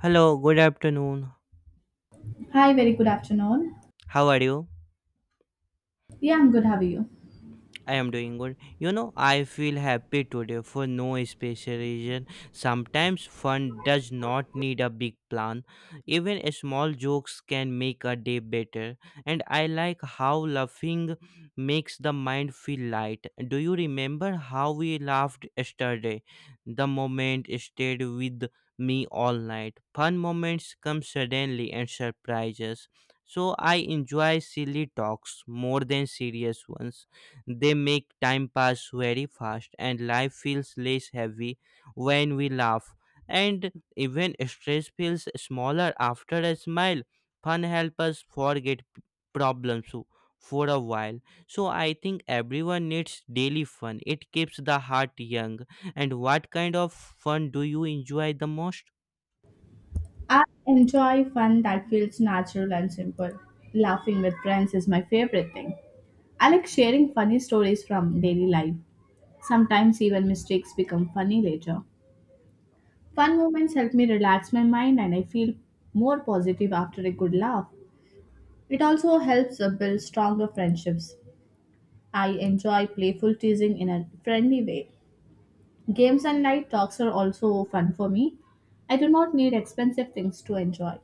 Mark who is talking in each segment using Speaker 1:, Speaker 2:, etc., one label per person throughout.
Speaker 1: Hello, good afternoon.
Speaker 2: Hi, very good afternoon.
Speaker 1: How are you?
Speaker 2: Yeah, I'm good. How are you?
Speaker 1: I am doing good. You know, I feel happy today for no special reason. Sometimes fun does not need a big plan. Even small jokes can make a day better. And I like how laughing makes the mind feel light. Do you remember how we laughed yesterday? The moment stayed with me all night. Fun moments come suddenly and surprise us. So I enjoy silly talks more than serious ones. They make time pass very fast and life feels less heavy when we laugh. And even stress feels smaller after a smile. Fun helps us forget problems for a while. So I think everyone needs daily fun. It keeps the heart young. And what kind of fun do you enjoy the most?
Speaker 2: I enjoy fun that feels natural and simple. Laughing with friends is my favorite thing. I like sharing funny stories from daily life. Sometimes even mistakes become funny later. Fun moments help me relax my mind and I feel more positive after a good laugh. It also helps build stronger friendships. I enjoy playful teasing in a friendly way. Games and light talks are also fun for me. I do not need expensive things to enjoy.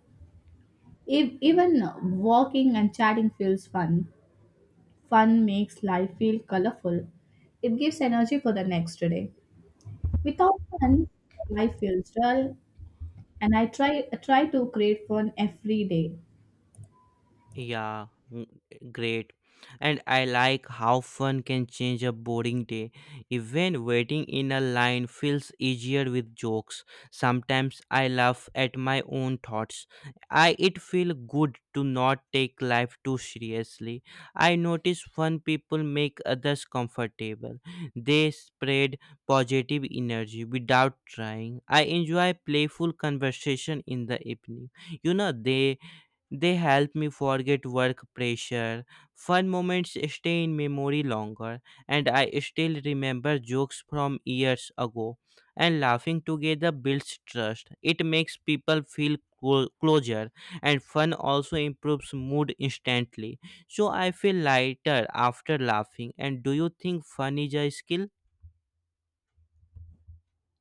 Speaker 2: Even walking and chatting feels fun. Fun makes life feel colorful. It gives energy for the next day. Without fun, life feels dull, and I try to create fun every day.
Speaker 1: Yeah, mm, great. And I like how fun can change a boring day. Even waiting in a line feels easier with jokes. Sometimes I laugh at my own thoughts. I it feel good to not take life too seriously. I notice fun people make others comfortable. They spread positive energy without trying. I enjoy playful conversation in the evening. You know they they help me forget work pressure. Fun moments stay in memory longer, and I still remember jokes from years ago. And laughing together builds trust. It makes people feel closer, and fun also improves mood instantly. So I feel lighter after laughing. And do you think fun is a skill?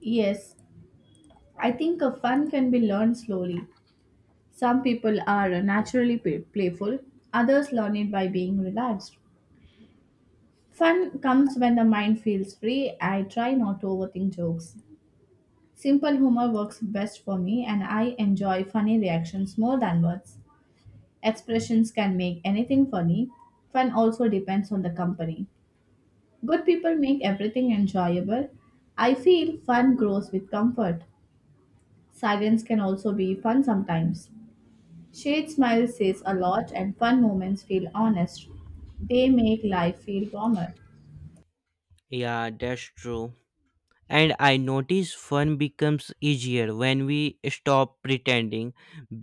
Speaker 2: Yes, I think a fun can be learned slowly. Some people are naturally playful, others learn it by being relaxed. Fun comes when the mind feels free. I try not to overthink jokes. Simple humor works best for me, and I enjoy funny reactions more than words. Expressions can make anything funny. Fun also depends on the company. Good people make everything enjoyable. I feel fun grows with comfort. Silence can also be fun sometimes. Shade smile says a lot, and fun moments feel honest. They make life feel warmer.
Speaker 1: Yeah, that's true. And I notice fun becomes easier when we stop pretending.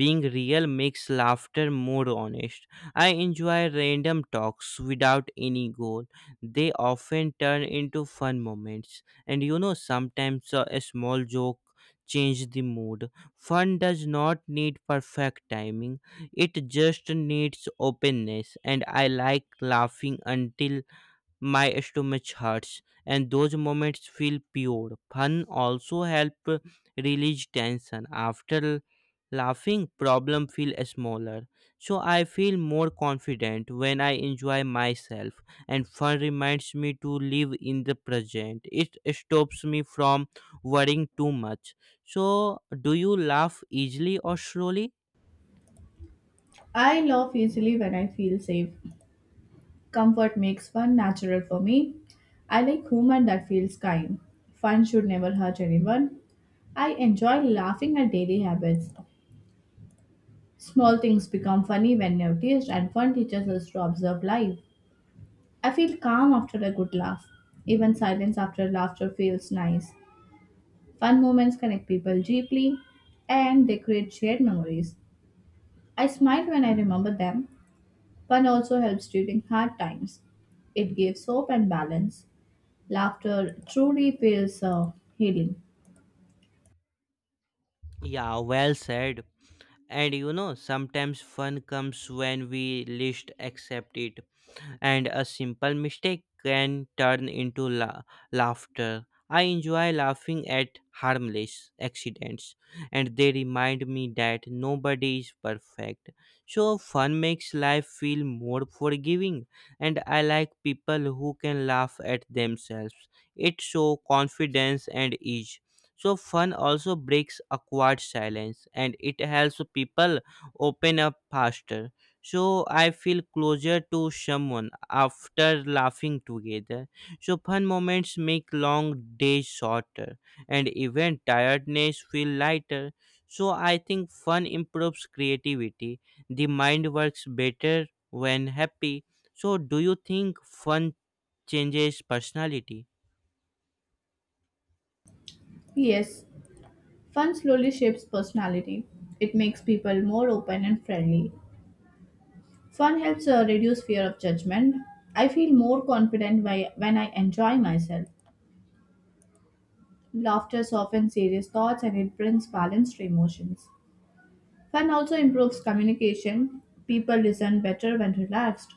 Speaker 1: Being real makes laughter more honest. I enjoy random talks without any goal. They often turn into fun moments. And sometimes a small joke changes the mood. Fun does not need perfect timing, it just needs openness. And I like laughing until my stomach hurts, and those moments feel pure. Fun also help release tension. After laughing, problem feel smaller. So I feel more confident when I enjoy myself. And fun reminds me to live in the present. It stops me from worrying too much. So do you laugh easily or slowly?
Speaker 2: I laugh easily when I feel safe. Comfort makes fun natural for me. I like humor that feels kind. Fun should never hurt anyone. I enjoy laughing at daily habits. Small things become funny when noticed, and fun teaches us to observe life. I feel calm after a good laugh. Even silence after laughter feels nice. Fun moments connect people deeply and they create shared memories. I smile when I remember them. Fun also helps during hard times. It gives hope and balance. Laughter truly feels healing.
Speaker 1: Yeah, well said. And sometimes fun comes when we least accept it, and a simple mistake can turn into laughter. I enjoy laughing at harmless accidents, and they remind me that nobody is perfect. So, fun makes life feel more forgiving, and I like people who can laugh at themselves. It shows confidence and ease. So, fun also breaks awkward silence, and it helps people open up faster. So I feel closer to someone after laughing together. So fun moments make long days shorter, and even tiredness feel lighter. So I think fun improves creativity. The mind works better when happy. So do you think fun changes personality?
Speaker 2: Yes, fun slowly shapes personality. It makes people more open and friendly. Fun helps reduce fear of judgment. I feel more when I enjoy myself. Laughter softens serious thoughts and it brings balanced emotions. Fun also improves communication. People listen better when relaxed.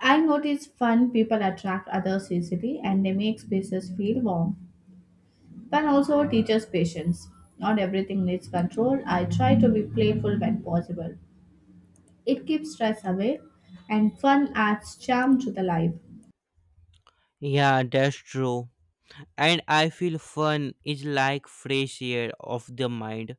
Speaker 2: I notice fun people attract others easily and they make spaces feel warm. Fun also teaches patience. Not everything needs control. I try to be playful when possible. It keeps stress away, and fun adds charm to the life.
Speaker 1: Yeah, that's true. And I feel fun is like fresh air of the mind.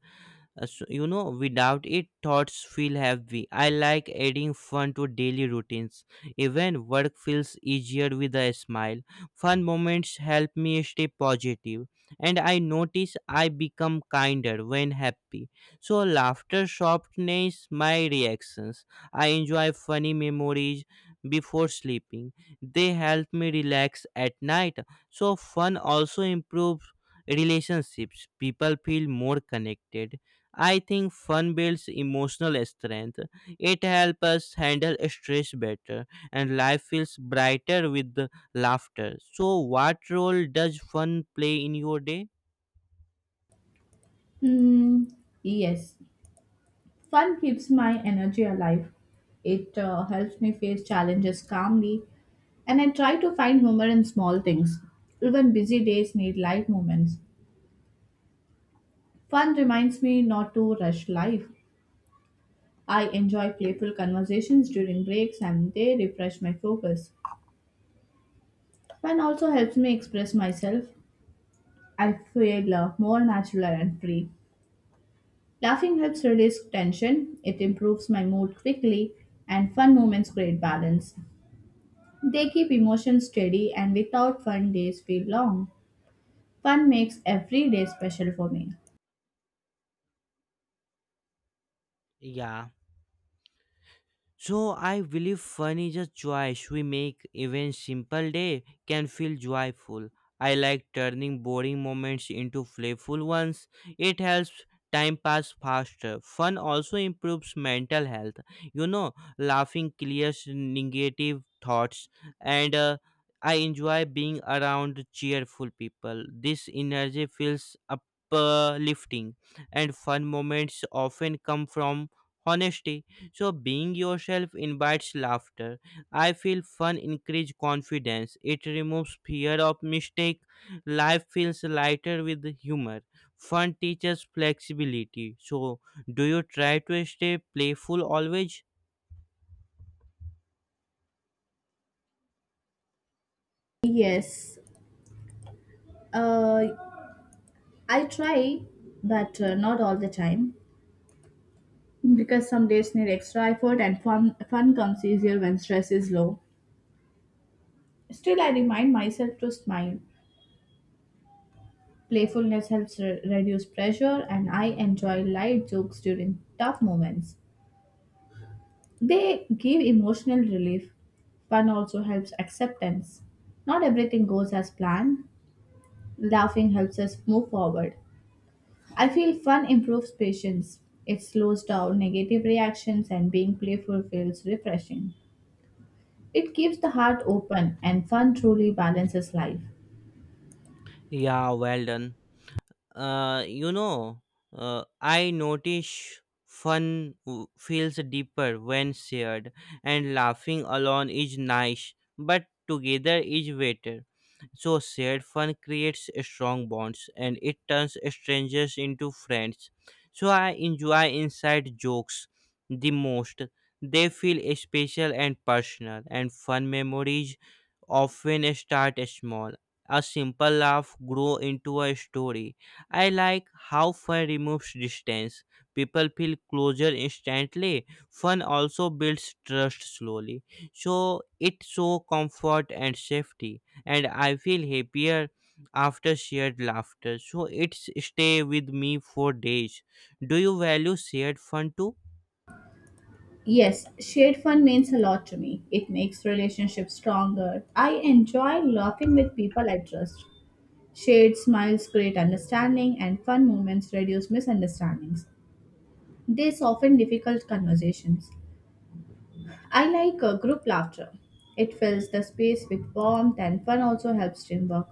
Speaker 1: So, without it, thoughts feel heavy. I like adding fun to daily routines. Even work feels easier with a smile. Fun moments help me stay positive, and I notice I become kinder when happy. So, laughter softens my reactions. I enjoy funny memories before sleeping. They help me relax at night. So, fun also improves relationships. People feel more connected. I think fun builds emotional strength. It helps us handle stress better, and life feels brighter with the laughter. So, what role does fun play in your day?
Speaker 2: Hmm, yes, fun keeps my energy alive. It helps me face challenges calmly, and I try to find humor in small things. Even busy days need light moments. Fun reminds me not to rush life. I enjoy playful conversations during breaks, and they refresh my focus. Fun also helps me express myself. I feel more natural and free. Laughing helps release tension, it improves my mood quickly, and fun moments create balance. They keep emotions steady, and without fun, days feel long. Fun makes every day special for me.
Speaker 1: Yeah. So I believe fun is a choice we make. Even simple day can feel joyful. I like turning boring moments into playful ones. It helps time pass faster. Fun also improves mental health. You know, laughing clears negative thoughts, and I enjoy being around cheerful people. This energy feels uplifting, and fun moments often come from honesty, so being yourself invites laughter. I feel fun increase confidence. It removes fear of mistake. Life feels lighter with humor. Fun teaches flexibility. So do you try to stay playful always?
Speaker 2: Yes, uh, I try, but not all the time because some days need extra effort and fun comes easier when stress is low. Still, I remind myself to smile. Playfulness helps reduce pressure, and I enjoy light jokes during tough moments. They give emotional relief. Fun also helps acceptance. Not everything goes as planned. Laughing helps us move forward. I feel fun improves patience. It slows down negative reactions, and being playful feels refreshing. It keeps the heart open, and fun truly balances life.
Speaker 1: Yeah, well done. Uh, you know, I notice fun feels deeper when shared, and laughing alone is nice, but together is better. So, shared fun creates strong bonds, and it turns strangers into friends. So, I enjoy inside jokes the most. They feel special and personal, and fun memories often start small. A simple laugh grow into a story. I like how fun removes distance. People feel closer instantly. Fun also builds trust slowly. So it show comfort and safety, and I feel happier after shared laughter. So it's stay with me for days. Do you value shared fun too?
Speaker 2: Yes, shared fun means a lot to me. It makes relationships stronger. I enjoy laughing with people I trust. Shared smiles create understanding, and fun moments reduce misunderstandings. They soften difficult conversations. I like group laughter. It fills the space with warmth, and fun also helps teamwork.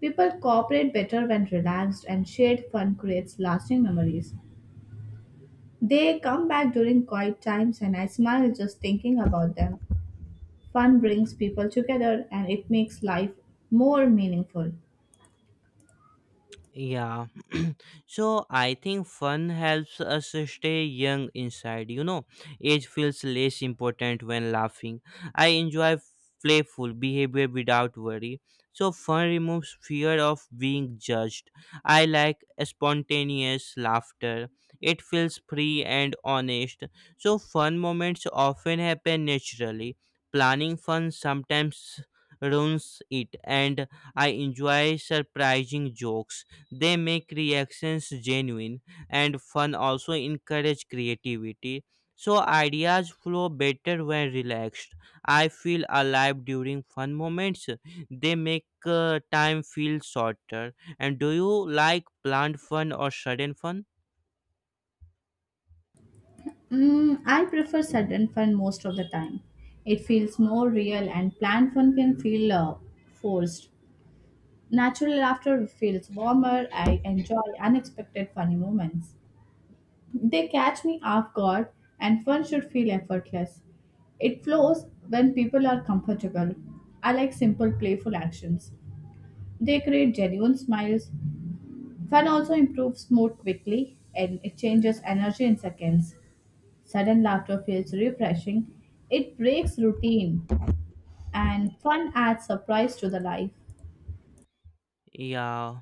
Speaker 2: People cooperate better when relaxed, and shared fun creates lasting memories. They come back during quiet times, and I smile just thinking about them. Fun brings people together and it makes life more meaningful.
Speaker 1: Yeah. So I think fun helps us stay young inside. Age feels less important when laughing. I enjoy playful behavior without worry. So fun removes fear of being judged. I like spontaneous laughter. It feels free and honest. So fun moments often happen naturally. Planning fun sometimes ruins it, and I enjoy surprising jokes. They make reactions genuine. And fun also encourage creativity, so ideas flow better when relaxed. I feel alive during fun moments. They make time feel shorter. And do you like planned fun or sudden fun?
Speaker 2: I prefer sudden fun most of the time. It feels more real, and planned fun can feel forced. Natural laughter feels warmer. I enjoy unexpected funny moments. They catch me off guard, and fun should feel effortless. It flows when people are comfortable. I like simple, playful actions. They create genuine smiles. Fun also improves mood quickly and it changes energy in seconds. Sudden laughter feels refreshing. It breaks routine and fun adds surprise to the life.
Speaker 1: Yeah.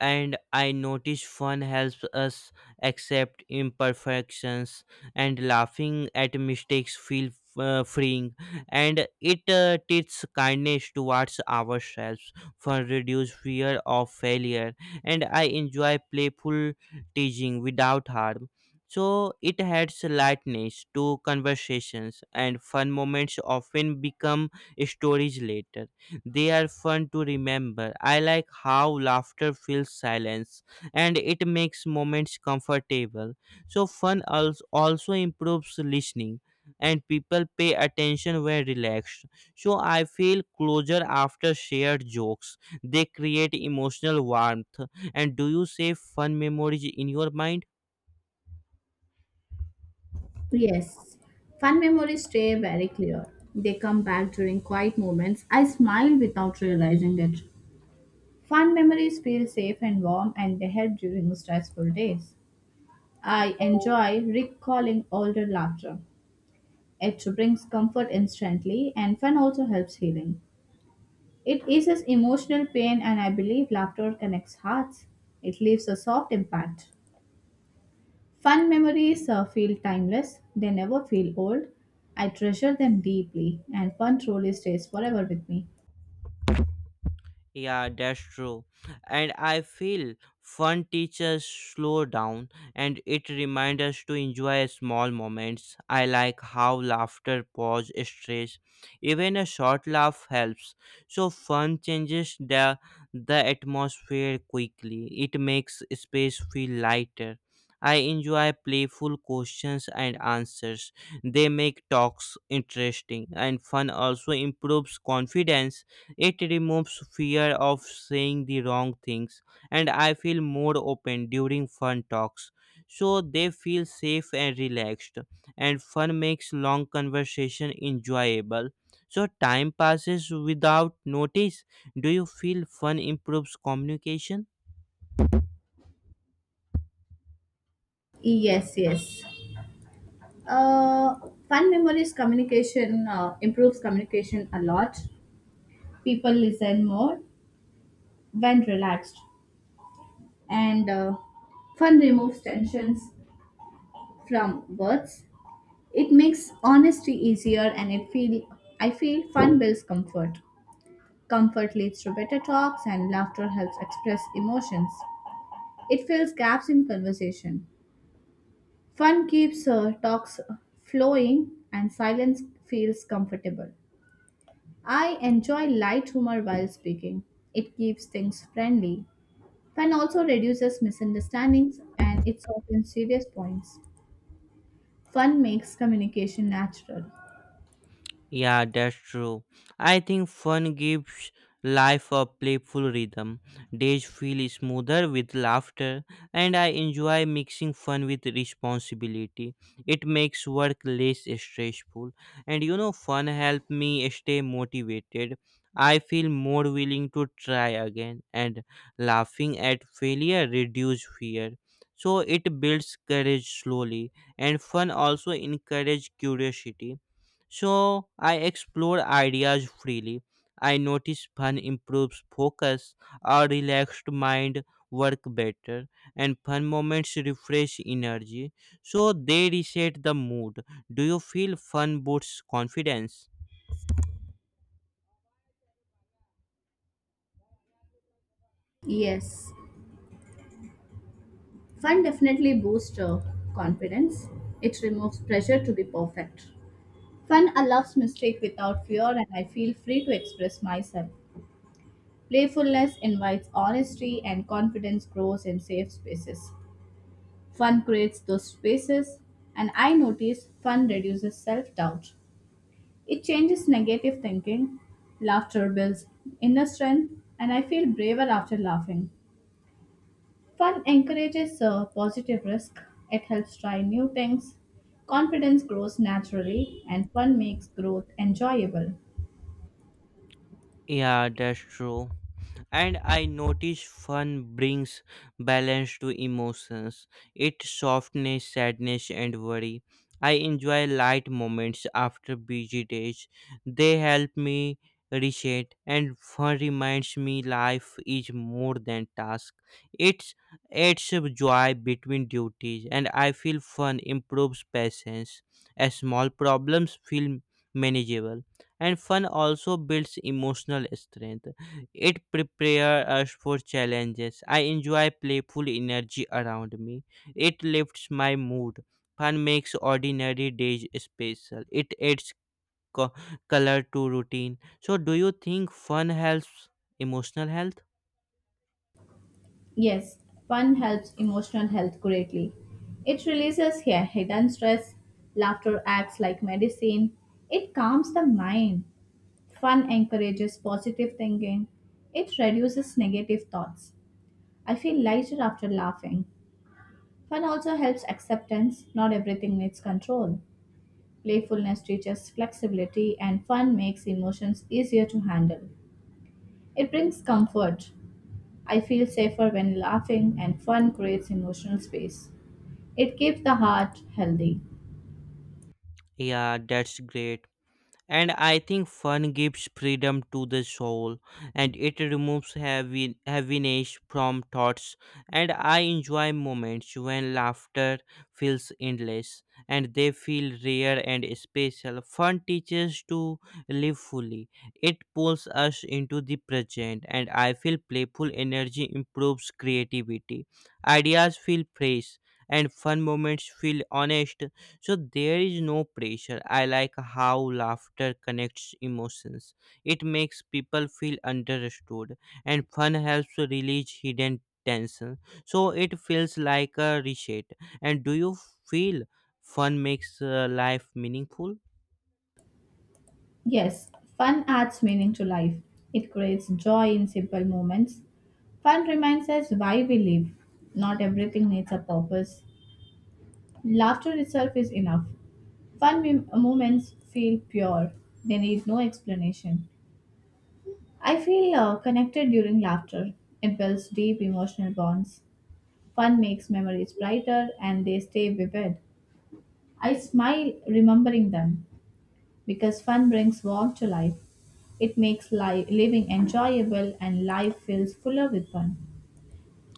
Speaker 1: And I notice fun helps us accept imperfections, and laughing at mistakes feel freeing, and it teaches kindness towards ourselves for reduce fear of failure. And I enjoy playful teaching without harm. So it adds lightness to conversations, and fun moments often become stories later. They are fun to remember. I like how laughter fills silence, and it makes moments comfortable. So, fun also improves listening, and people pay attention when relaxed. So, I feel closer after shared jokes. They create emotional warmth. And do you save fun memories in your mind?
Speaker 2: Yes, fun memories stay very clear. They come back during quiet moments. I smile without realizing it. Fun memories feel safe and warm and they help during stressful days. I enjoy recalling older laughter. It brings comfort instantly, and fun also helps healing. It eases emotional pain, and I believe laughter connects hearts. It leaves a soft impact. Fun memories feel timeless, they never feel old. I treasure them deeply, and fun truly stays forever with me.
Speaker 1: Yeah, that's true. And I feel fun teachers slow down, and it reminds us to enjoy small moments. I like how laughter pause stress. Even a short laugh helps. So fun changes the atmosphere quickly. It makes space feel lighter. I enjoy playful questions and answers. They make talks interesting, and fun also improves confidence. It removes fear of saying the wrong things, and I feel more open during fun talks. So they feel safe and relaxed, and fun makes long conversation enjoyable. So time passes without notice. Do you feel fun improves communication?
Speaker 2: Yes, yes. Uh, fun memories communication Improves communication a lot. People listen more when relaxed, and fun removes tensions. From words. It makes honesty easier and it feel I feel fun builds comfort. Comfort leads to better talks and laughter helps express emotions. It fills gaps in conversation. Fun keeps talks flowing and silence feels comfortable. I enjoy light humor while speaking. It keeps things friendly. Fun also reduces misunderstandings and it softens serious points. Fun makes communication natural.
Speaker 1: Yeah, that's true. I think fun gives life a playful rhythm. Days feel smoother with laughter, and I enjoy mixing fun with responsibility. It makes work less stressful, and fun helps me stay motivated. I feel more willing to try again, and laughing at failure reduces fear. So it builds courage slowly, and fun also encourages curiosity, so I explore ideas freely. I notice fun improves focus, a relaxed mind work better, and fun moments refresh energy. So they reset the mood. Do you feel fun boosts confidence?
Speaker 2: Yes. Fun definitely boosts confidence. It removes pressure to be perfect. Fun allows mistake without fear and I feel free to express myself. Playfulness invites honesty and confidence grows in safe spaces. Fun creates those spaces and I notice fun reduces self-doubt. It changes negative thinking. Laughter builds inner strength and I feel braver after laughing. Fun encourages positive risk, it helps try new things, confidence grows naturally, and fun makes growth enjoyable.
Speaker 1: Yeah, that's true. And I notice fun brings balance to emotions. It softens sadness and worry. I enjoy light moments after busy days. They help me reset, and fun reminds me life is more than task. It's adds a joy between duties, and I feel fun improves patience as small problems feel manageable. And fun also builds emotional strength. It prepares us for challenges. I enjoy playful energy around me. It lifts my mood. Fun makes ordinary days special. It adds co- color to routine. So, do you think fun helps emotional health?
Speaker 2: Yes, fun helps emotional health greatly. It releases yeah, hidden stress, laughter acts like medicine, it calms the mind. Fun encourages positive thinking, it reduces negative thoughts. I feel lighter after laughing. Fun also helps acceptance, not everything needs control. Playfulness teaches flexibility, and fun makes emotions easier to handle. It brings comfort. I feel safer when laughing, and fun creates emotional space. It keeps the heart healthy.
Speaker 1: Yeah, that's great. And I think fun gives freedom to the soul, and it removes heaviness from thoughts, and I enjoy moments when laughter feels endless, and they feel rare and special. Fun teaches to live fully. It pulls us into the present, and I feel playful energy improves creativity. Ideas feel fresh, and fun moments feel honest. So there is no pressure. I like how laughter connects emotions. It makes people feel understood, and fun helps to release hidden tension. So it feels like a reset. And do you feel fun makes life meaningful?
Speaker 2: Yes, fun adds meaning to life. It creates joy in simple moments. Fun reminds us why we live. Not everything needs a purpose. Laughter itself is enough. Moments feel pure, they need no explanation. I feel connected during laughter. It builds deep emotional bonds. Fun makes memories brighter and they stay vivid. I smile remembering them because fun brings warmth to life. It makes living enjoyable and life feels fuller with fun.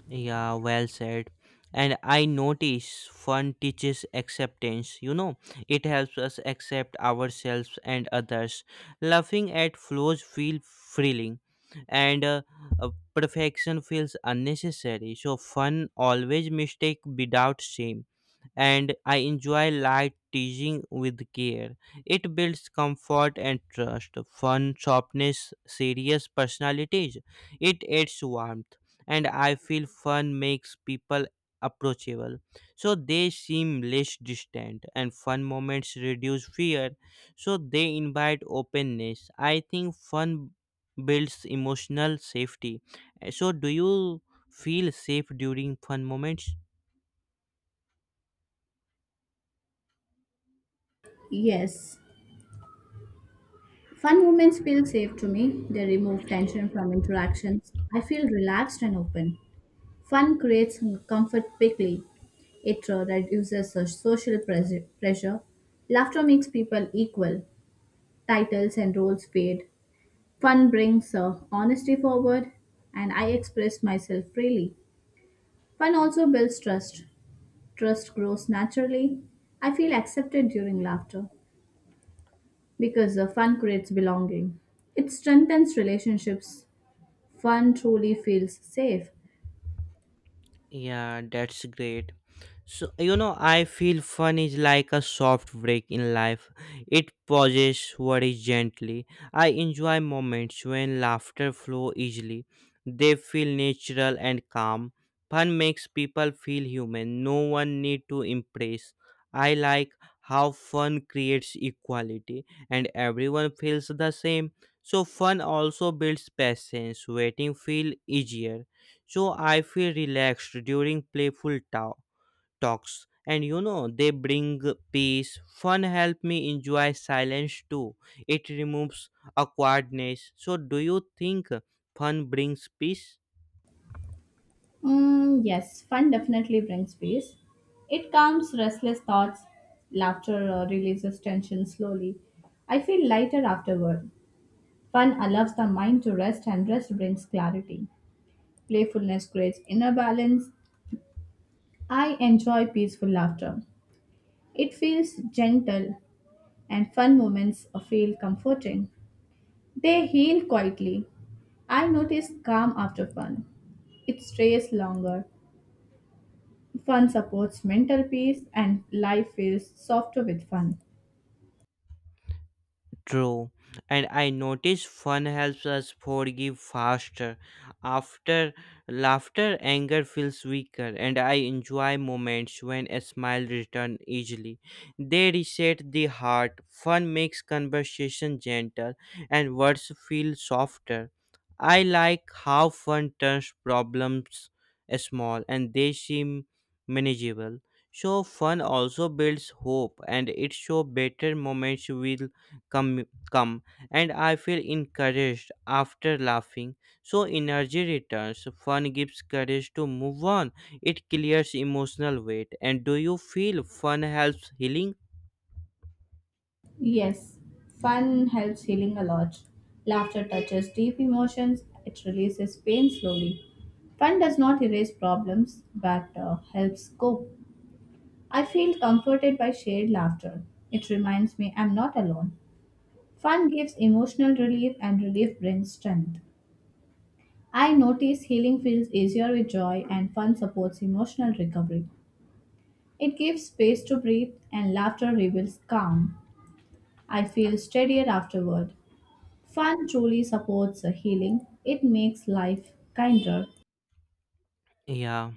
Speaker 1: Yeah, well said. And I notice fun teaches acceptance. You know, it helps us accept ourselves and others. Laughing at flaws feel thrilling, and perfection feels unnecessary. So, fun always mistake without shame. And I enjoy light teasing with care. It builds comfort and trust. Fun, softness, serious personalities. It adds warmth, and I feel fun makes people approachable. So they seem less distant, and fun moments reduce fear. So they invite openness. I think fun builds emotional safety. So do you feel safe during fun moments?
Speaker 2: Yes. Fun moments feel safe to me. They remove tension from interactions. I feel relaxed and open. Fun creates comfort quickly. It reduces social pressure. Laughter makes people equal. Titles and roles fade. Fun brings honesty forward, and I express myself freely. Fun also builds trust. Trust grows naturally. I feel accepted during laughter because fun creates belonging. It strengthens relationships. Fun truly feels safe.
Speaker 1: Yeah, that's great. So, I feel fun is like a soft break in life. It pauses worry gently. I enjoy moments when laughter flow easily. They feel natural and calm. Fun makes people feel human. No one need to impress. I like how fun creates equality, and everyone feels the same. So fun also builds patience. Waiting feel easier, so I feel relaxed during playful talks. And they bring peace. Fun help me enjoy silence too. It removes awkwardness. So do you think fun brings peace?
Speaker 2: Yes, fun definitely brings peace. It calms restless thoughts. Laughter releases tension slowly. I feel lighter afterward. Fun allows the mind to rest, and rest brings clarity. Playfulness creates inner balance. I enjoy peaceful laughter. It feels gentle, and fun moments feel comforting. They heal quietly. I notice calm after fun. It stays longer. Fun supports mental peace, and life feels softer with fun.
Speaker 1: True. And I notice fun helps us forgive faster. After laughter, anger feels weaker, and I enjoy moments when a smile returns easily. They reset the heart. Fun makes conversation gentle, and words feel softer. I like how fun turns problems small, and they seem manageable. So fun also builds hope, and it show better moments will come, come, and I feel encouraged after laughing. So energy returns. Fun gives courage to move on. It clears emotional weight. And do you feel fun helps healing?
Speaker 2: Yes, fun helps healing a lot. Laughter touches deep emotions, it releases pain slowly. Fun does not erase problems but helps cope. I feel comforted by shared laughter. It reminds me I'm not alone. Fun gives emotional relief, and relief brings strength. I notice healing feels easier with joy, and fun supports emotional recovery. It gives space to breathe and laughter reveals calm. I feel steadier afterward. Fun truly supports a healing. It makes life kinder.
Speaker 1: Yeah.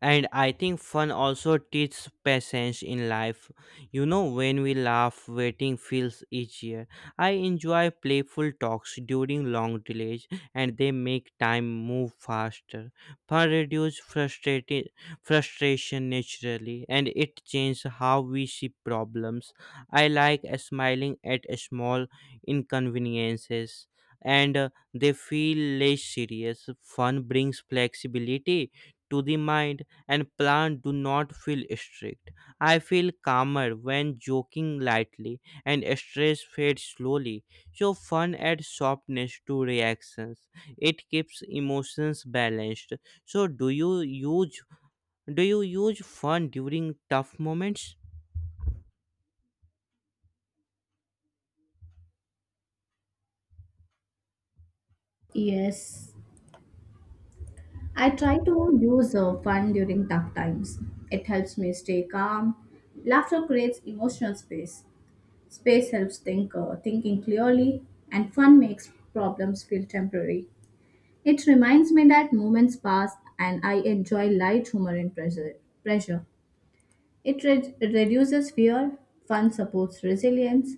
Speaker 1: And I think fun also teaches patience in life. When we laugh, waiting feels easier. I enjoy playful talks during long delays, and they make time move faster. Fun reduce frustrated frustration naturally, and it changes how we see problems. I like smiling at small inconveniences, and they feel less serious. Fun brings flexibility to the mind, and plants do not feel strict. I feel calmer when joking lightly, and stress fades slowly. So fun adds softness to reactions. It keeps emotions balanced. So do you use fun during tough moments?
Speaker 2: Yes, I try to use fun during tough times. It helps me stay calm. Laughter creates emotional space. Space helps thinking clearly, and fun makes problems feel temporary. It reminds me that moments pass, and I enjoy light humor in pressure. Pressure. It reduces fear, fun supports resilience.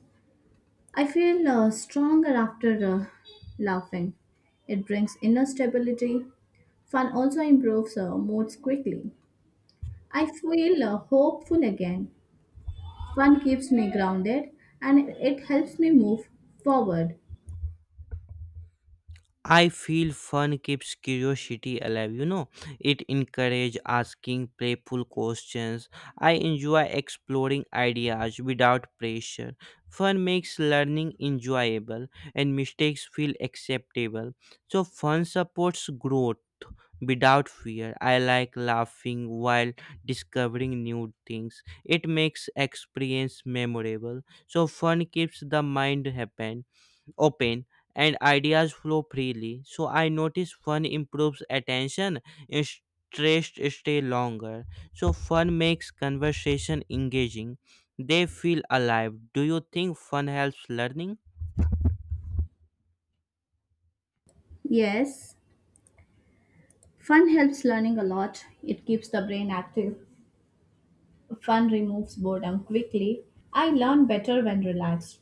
Speaker 2: I feel stronger after laughing. It brings inner stability. Fun also improves moods quickly. I feel hopeful again. Fun keeps me grounded and it helps me move forward.
Speaker 1: I feel fun keeps curiosity alive. It encourages asking playful questions. I enjoy exploring ideas without pressure. Fun makes learning enjoyable, and mistakes feel acceptable. So, fun supports growth without fear. I like laughing while discovering new things. It makes experience memorable. So, fun keeps the mind happy, open, and ideas flow freely. So I notice fun improves attention, and stressed stay longer. So fun makes conversation engaging. They feel alive. Do you think fun helps learning?
Speaker 2: Yes, fun helps learning a lot. It keeps the brain active. Fun removes boredom quickly. I learn better when relaxed.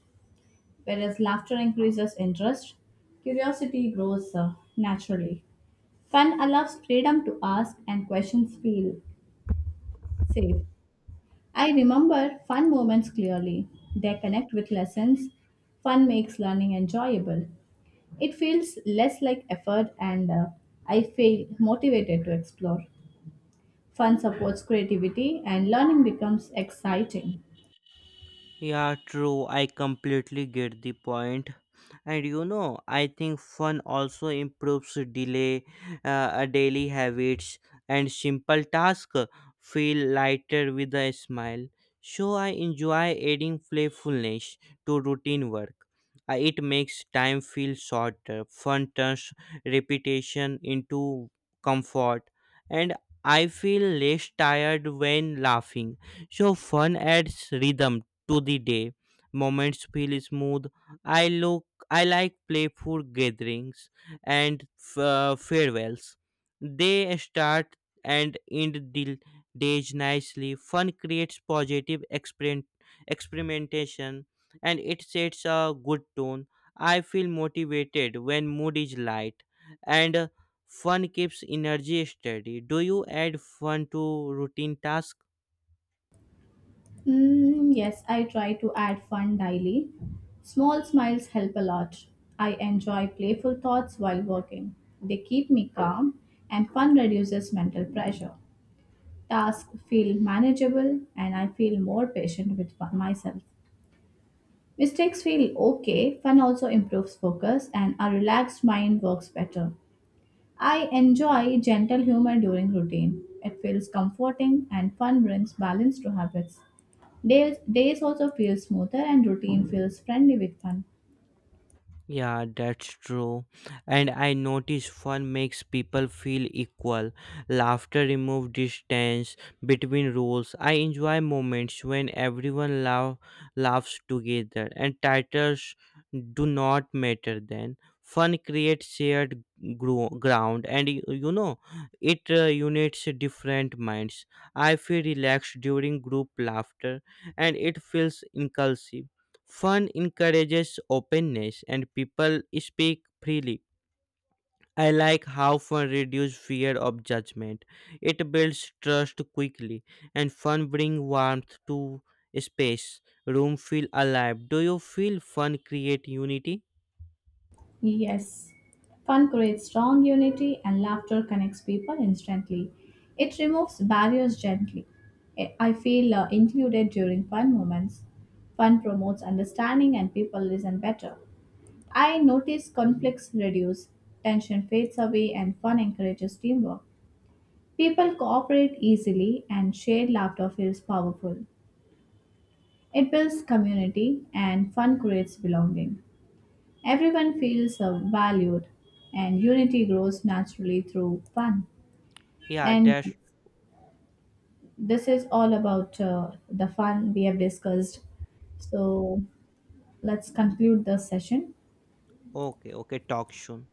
Speaker 2: Whereas laughter increases interest, curiosity grows naturally. Fun allows freedom to ask and questions feel safe. I remember fun moments clearly. They connect with lessons. Fun makes learning enjoyable. It feels less like effort and I feel motivated to explore. Fun supports creativity and learning becomes exciting.
Speaker 1: Yeah, true. I completely get the point. And I think fun also improves uh, daily habits, and simple tasks feel lighter with a smile. So I enjoy adding playfulness to routine work. It makes time feel shorter. Fun turns repetition into comfort, and I feel less tired when laughing. So fun adds rhythm to the day. Moments feel smooth. I look. I like playful gatherings and farewells. They start and end the days nicely. Fun creates positive experimentation, and it sets a good tone. I feel motivated when mood is light, and fun keeps energy steady. Do you add fun to routine tasks?
Speaker 2: Yes, I try to add fun daily. Small smiles help a lot. I enjoy playful thoughts while working. They keep me calm, and fun reduces mental pressure. Tasks feel manageable, and I feel more patient with myself. Mistakes feel okay. Fun also improves focus, and a relaxed mind works better. I enjoy gentle humor during routine. It feels comforting, and fun brings balance to habits. Days also feel smoother and routine feels friendly with fun.
Speaker 1: Yeah, that's true. And I notice fun makes people feel equal. Laughter removes distance between roles. I enjoy moments when everyone laughs together, and titles do not matter then. Fun creates shared ground, and it unites different minds. I feel relaxed during group laughter, and it feels inclusive. Fun encourages openness, and people speak freely. I like how fun reduces fear of judgment. It builds trust quickly, and fun brings warmth to space. Room feel alive. Do you feel fun create unity?
Speaker 2: Yes. Fun creates strong unity and laughter connects people instantly. It removes barriers gently. I feel included during fun moments. Fun promotes understanding and people listen better. I notice conflicts reduce, tension fades away, and fun encourages teamwork. People cooperate easily and shared laughter feels powerful. It builds community and fun creates belonging. Everyone feels valued and unity grows naturally through fun.
Speaker 1: Yeah,
Speaker 2: And
Speaker 1: that's
Speaker 2: this is all about the fun we have discussed. So let's conclude the session.
Speaker 1: okay. Okay, talk soon.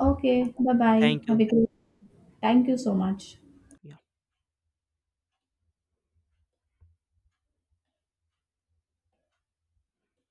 Speaker 2: Okay, bye bye.
Speaker 1: Thank
Speaker 2: Have
Speaker 1: you.
Speaker 2: a great Thank you so much.
Speaker 1: Yeah.